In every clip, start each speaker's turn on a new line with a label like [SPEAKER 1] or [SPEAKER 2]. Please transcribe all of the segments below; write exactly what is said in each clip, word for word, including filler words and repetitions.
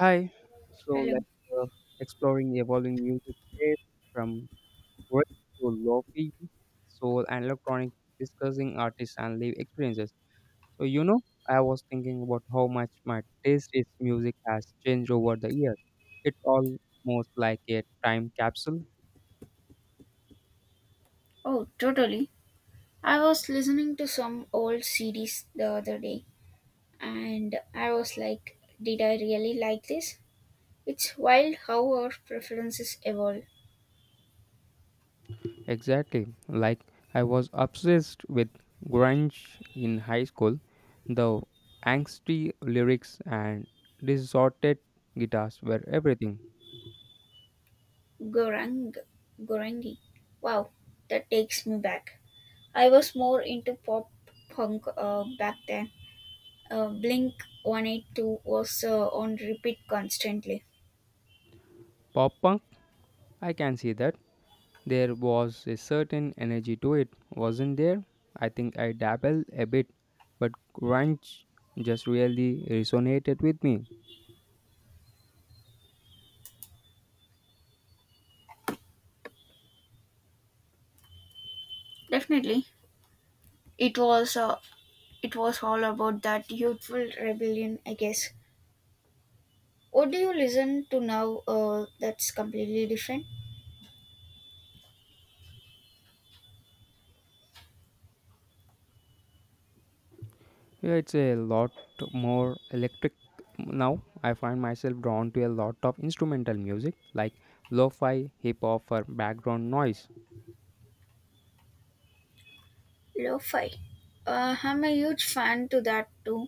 [SPEAKER 1] Hi. So
[SPEAKER 2] Hello.
[SPEAKER 1] let's uh, exploring the evolving music taste from work to lofi, soul and electronic, discussing artists and live experiences. So you know, I was thinking about how much my taste in music has changed over the years. It's almost like a time capsule.
[SPEAKER 2] Oh, totally. I was listening to some old C Ds the other day, and I was like, did I really like this? It's wild how our preferences evolve.
[SPEAKER 1] Exactly. Like I was obsessed with grunge in high school, the angsty lyrics and distorted guitars were everything.
[SPEAKER 2] Gorang, Gorangi. Wow, that takes me back. I was more into pop punk uh, back then. Uh, Blink one eighty-two was uh, on repeat constantly.
[SPEAKER 1] Pop punk, I can see that. There was a certain energy to it, wasn't there? I think I dabble a bit, but grunge just really resonated with me.
[SPEAKER 2] Definitely. It was uh, it was all about that youthful rebellion, I guess. What do you listen to now uh, that's completely different?
[SPEAKER 1] Yeah, it's a lot more electric now. I find myself drawn to a lot of instrumental music like lo fi, hip hop, for background noise.
[SPEAKER 2] Lo-fi. Uh, I'm a huge fan to that too.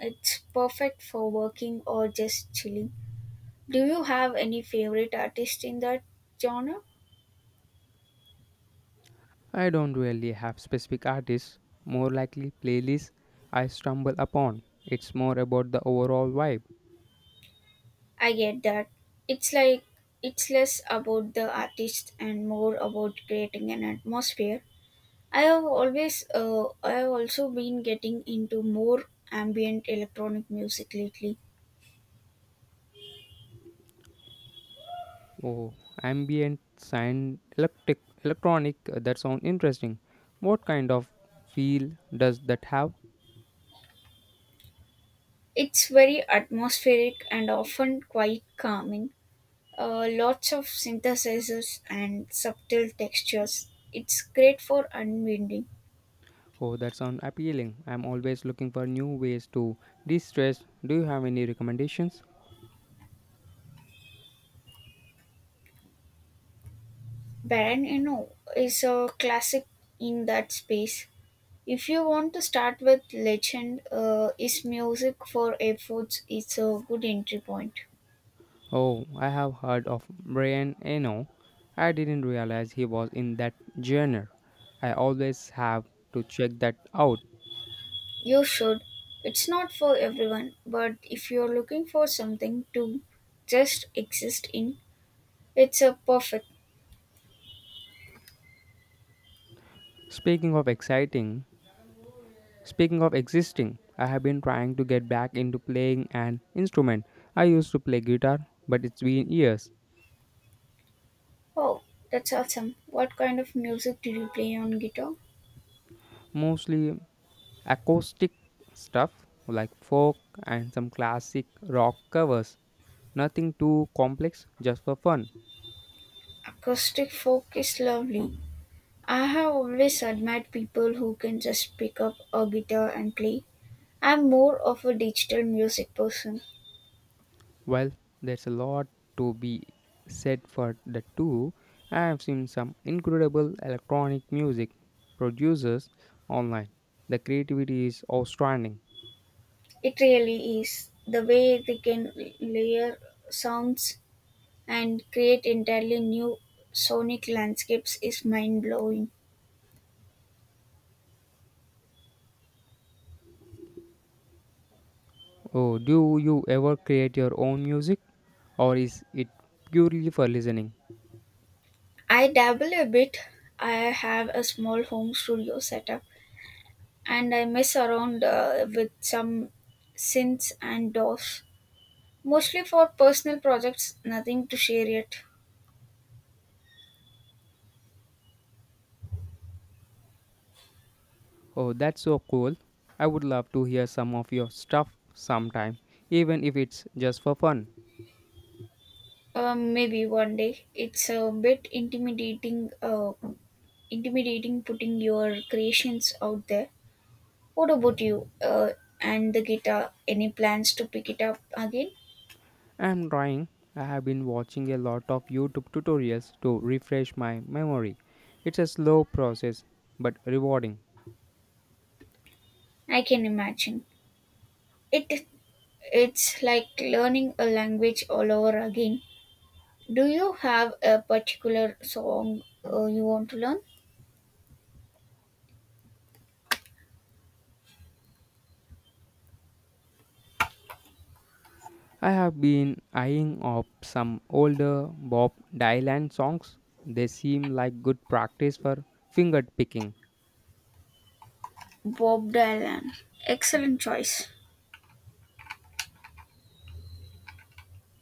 [SPEAKER 2] It's perfect for working or just chilling. Do you have any favorite artist in that genre?
[SPEAKER 1] I don't really have specific artists, more likely playlists I stumble upon. It's more about the overall vibe.
[SPEAKER 2] I get that. It's like it's less about the artist and more about creating an atmosphere. I have always uh, I have also been getting into more ambient electronic music lately.
[SPEAKER 1] Oh, ambient sound, electric, electronic. uh, That sound interesting. What kind of feel does that have?
[SPEAKER 2] It's very atmospheric and often quite calming. Uh, lots of synthesizers and subtle textures. It's great for unwinding.
[SPEAKER 1] Oh, that sound appealing. I'm always looking for new ways to de-stress. Do you have any recommendations?
[SPEAKER 2] Baron Eno is a classic in that space. If you want to start with legend, uh, is music for airports. Is a good entry point.
[SPEAKER 1] Oh, I have heard of Brian Eno. I didn't realize he was in that genre. I always have to check that out.
[SPEAKER 2] You should. It's not for everyone, but if you're looking for something to just exist in, it's a perfect.
[SPEAKER 1] Speaking of exciting, Speaking of existing, I have been trying to get back into playing an instrument. I used to play guitar, but it's been years.
[SPEAKER 2] Oh, that's awesome. What kind of music do you play on guitar?
[SPEAKER 1] Mostly acoustic stuff like folk and some classic rock covers. Nothing too complex, just for fun.
[SPEAKER 2] Acoustic folk is lovely. I have always admired people who can just pick up a guitar and play. I'm more of a digital music person.
[SPEAKER 1] Well, there's a lot to be said for the two. I have seen some incredible electronic music producers online. The creativity is outstanding.
[SPEAKER 2] It really is. The way they can layer sounds and create entirely new sonic landscapes is mind blowing.
[SPEAKER 1] Oh, do you ever create your own music or is it purely for listening?
[SPEAKER 2] I dabble a bit. I have a small home studio setup, and I mess around uh, with some synths and DAWs. Mostly for personal projects, nothing to share yet.
[SPEAKER 1] Oh, that's so cool. I would love to hear some of your stuff sometime, even if it's just for fun.
[SPEAKER 2] Um, maybe one day. It's a bit intimidating. Uh, intimidating putting your creations out there. What about you? Uh, and the guitar. Any plans to pick it up again?
[SPEAKER 1] I'm trying. I have been watching a lot of YouTube tutorials to refresh my memory. It's a slow process but rewarding.
[SPEAKER 2] I can imagine. It it's like learning a language all over again. Do you have a particular song uh, you want to learn?
[SPEAKER 1] I have been eyeing up some older Bob Dylan songs. They seem like good practice for finger picking.
[SPEAKER 2] Bob Dylan, excellent choice.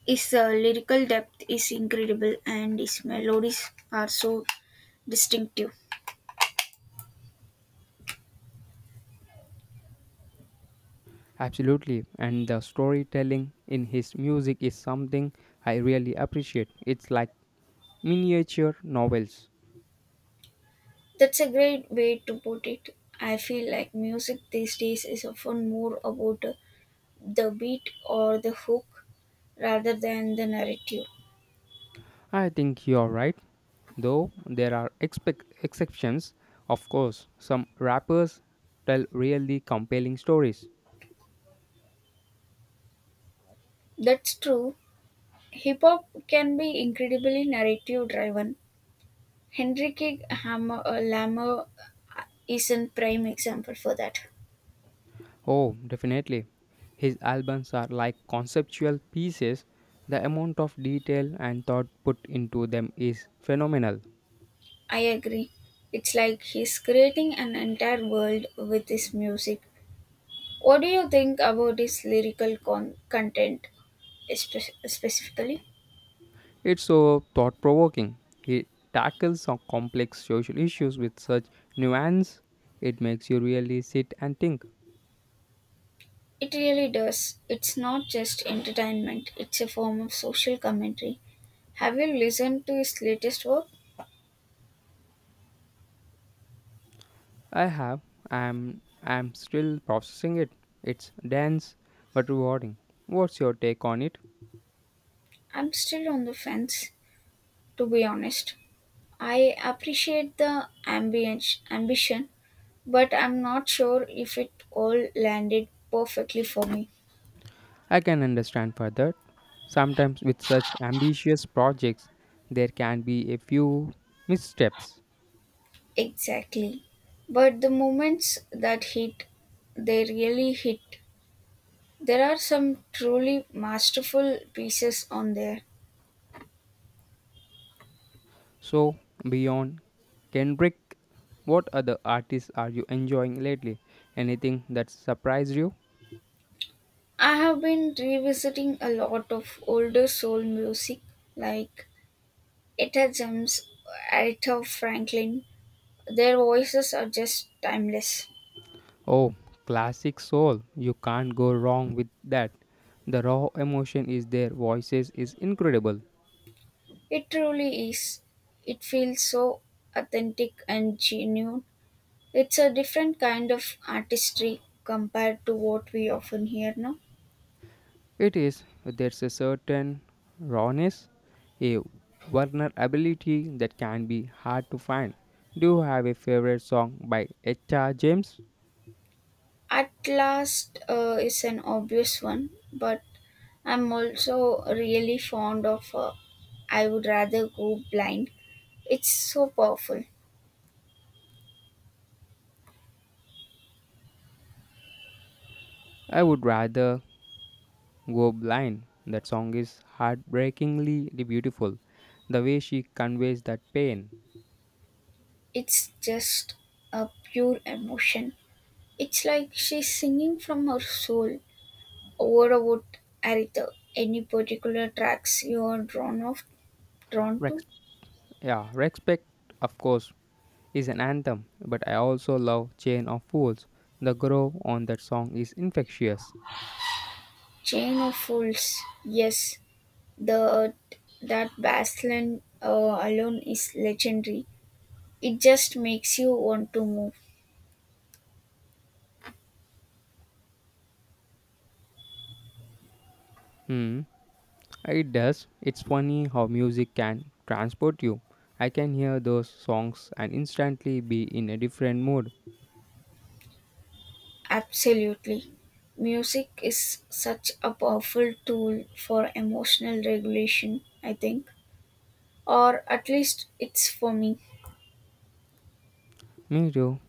[SPEAKER 2] His uh, lyrical depth is incredible and his melodies are so distinctive.
[SPEAKER 1] Absolutely, and the storytelling in his music is something I really appreciate. It's like miniature novels.
[SPEAKER 2] That's a great way to put it. I feel like music these days is often more about uh, the beat or the hook rather than the narrative.
[SPEAKER 1] I think you're right, though there are expec exceptions, of course. Some rappers tell really compelling stories.
[SPEAKER 2] That's true. Hip hop can be incredibly narrative driven. Henrik Hammer, uh, Lammer is a prime example for that.
[SPEAKER 1] Oh, definitely. His albums are like conceptual pieces. The amount of detail and thought put into them is phenomenal.
[SPEAKER 2] I agree. It's like he's creating an entire world with his music. What do you think about his lyrical con- content espe- specifically?
[SPEAKER 1] It's so thought provoking. He tackles some complex social issues with such nuance. It makes you really sit and think.
[SPEAKER 2] It really does. It's not just entertainment, it's a form of social commentary. Have you listened to his latest work?
[SPEAKER 1] I have. I'm. I'm still processing it. It's dense but rewarding. What's your take on it?
[SPEAKER 2] I'm still on the fence, to be honest. I appreciate the ambient ambition, but I'm not sure if it all landed perfectly for me.
[SPEAKER 1] I can understand further. Sometimes with such ambitious projects, there can be a few missteps.
[SPEAKER 2] Exactly. But the moments that hit, they really hit. There are some truly masterful pieces on there.
[SPEAKER 1] So beyond Kendrick, what other artists are you enjoying lately? Anything that surprised you?
[SPEAKER 2] I have been revisiting a lot of older soul music like Etta James, Aretha Franklin. Their voices are just timeless.
[SPEAKER 1] Oh, classic soul. You can't go wrong with that. The raw emotion is their voices is incredible.
[SPEAKER 2] It truly is. It feels so authentic and genuine. It's a different kind of artistry compared to what we often hear now.
[SPEAKER 1] It is there's a certain rawness, a vulnerability that can be hard to find. Do you have a favorite song by H R. James?
[SPEAKER 2] At last uh, is an obvious one, but I'm also really fond of uh, I would rather go blind. It's so powerful.
[SPEAKER 1] I would rather go blind. That song is heartbreakingly beautiful. The way she conveys that pain.
[SPEAKER 2] It's just a pure emotion. It's like she's singing from her soul. What about Aritha. Any particular tracks you are drawn of drawn
[SPEAKER 1] Rex,
[SPEAKER 2] to?
[SPEAKER 1] yeah, respect, of course. Is an anthem, but I also love Chain of Fools. The groove on that song is infectious.
[SPEAKER 2] Chain of Fools. Yes, the that bass line uh, alone is legendary. It just makes you want to move.
[SPEAKER 1] Hmm, it does. It's funny how music can transport you. I can hear those songs and instantly be in a different mood.
[SPEAKER 2] Absolutely. Music is such a powerful tool for emotional regulation, I think. Or at least it's for me.
[SPEAKER 1] Me too.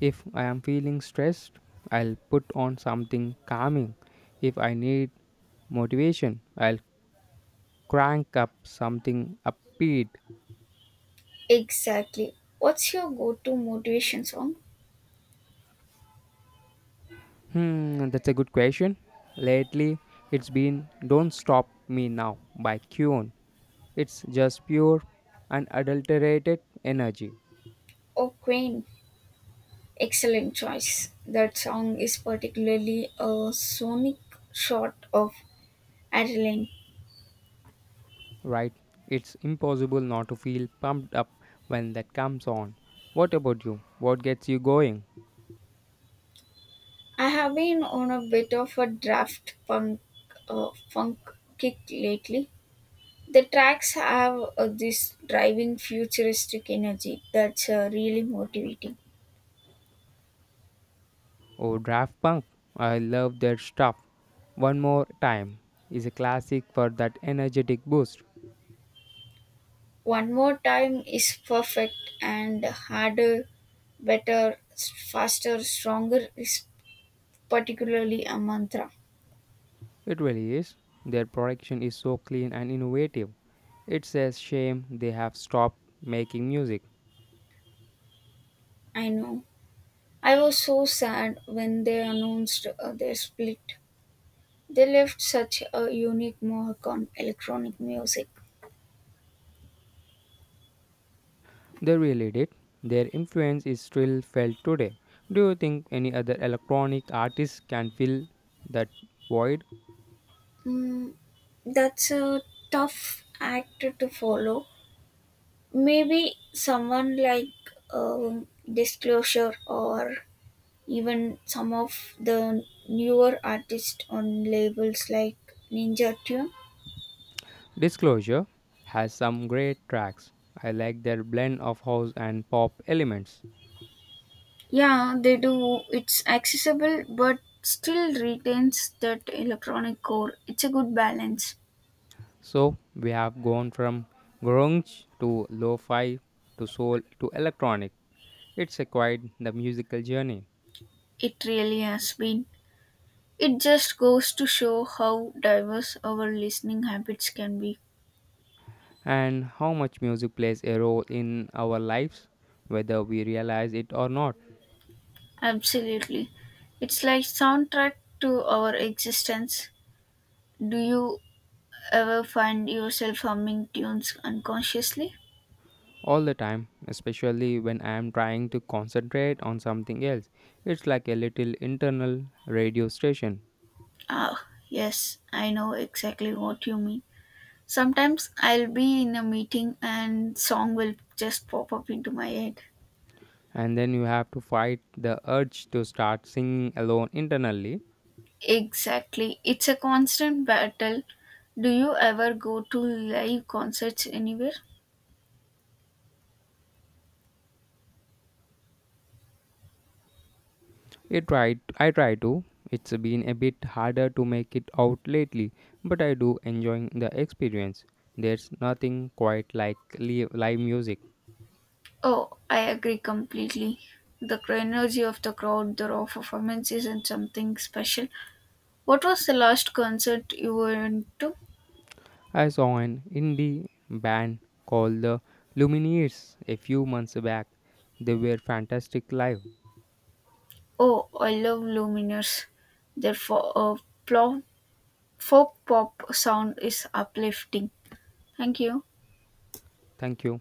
[SPEAKER 1] If I am feeling stressed, I'll put on something calming. If I need motivation, I'll crank up something upbeat.
[SPEAKER 2] Exactly. What's your go to motivation song?
[SPEAKER 1] Hmm, that's a good question. Lately, it's been Don't Stop Me Now by Kuon. It's just pure unadulterated energy,
[SPEAKER 2] Oh, Queen. Excellent choice. That song is particularly a sonic shot of adrenaline.
[SPEAKER 1] right? It's impossible not to feel pumped up when that comes on. What about you? What gets you going?
[SPEAKER 2] I have been on a bit of a draft punk, uh, funk kick lately. The tracks have uh, this driving futuristic energy that's uh, really motivating.
[SPEAKER 1] Oh, Draft Punk. I love their stuff. One More Time is a classic for that energetic boost.
[SPEAKER 2] One More Time is perfect and harder, better, s- faster, stronger is particularly a mantra.
[SPEAKER 1] It really is. Their production is so clean and innovative. It's a shame they have stopped making music.
[SPEAKER 2] I know. I was so sad when they announced uh, their split. They left such a unique mark on electronic music.
[SPEAKER 1] They really did. Their influence is still felt today. Do you think any other electronic artist can fill that void?
[SPEAKER 2] Mm, that's a tough act to follow. Maybe someone like um, Disclosure or even some of the newer artists on labels like Ninja Tune.
[SPEAKER 1] Disclosure has some great tracks. I like their blend of house and pop elements.
[SPEAKER 2] Yeah, they do. It's accessible but still retains that electronic core. It's a good balance.
[SPEAKER 1] So we have gone from grunge to lo-fi to soul to electronic. It's a quite the musical journey.
[SPEAKER 2] It really has been. It just goes to show how diverse our listening habits can be.
[SPEAKER 1] And how much music plays a role in our lives, whether we realize it or not,
[SPEAKER 2] Absolutely. It's like soundtrack to our existence. Do you ever find yourself humming tunes unconsciously?
[SPEAKER 1] all the time, especially when I am trying to concentrate on something else. It's like a little internal radio station,
[SPEAKER 2] Ah, yes, I know exactly what you mean. Sometimes I'll be in a meeting and song will just pop up into my head.
[SPEAKER 1] and then you have to fight the urge to start singing alone internally.
[SPEAKER 2] Exactly. It's a constant battle. Do you ever go to live concerts anywhere?
[SPEAKER 1] It tried, I try to. It's been a bit harder to make it out lately, but I do enjoying the experience. There's nothing quite like live live music.
[SPEAKER 2] Oh, I agree completely. The energy of the crowd, the raw performance isn't something special. What was the last concert you went to?
[SPEAKER 1] I saw an indie band called the Lumineers a few months back. They were fantastic live.
[SPEAKER 2] Oh, I love Lumineers. Their fo- uh, plo- folk pop sound is uplifting. Thank you.
[SPEAKER 1] Thank you.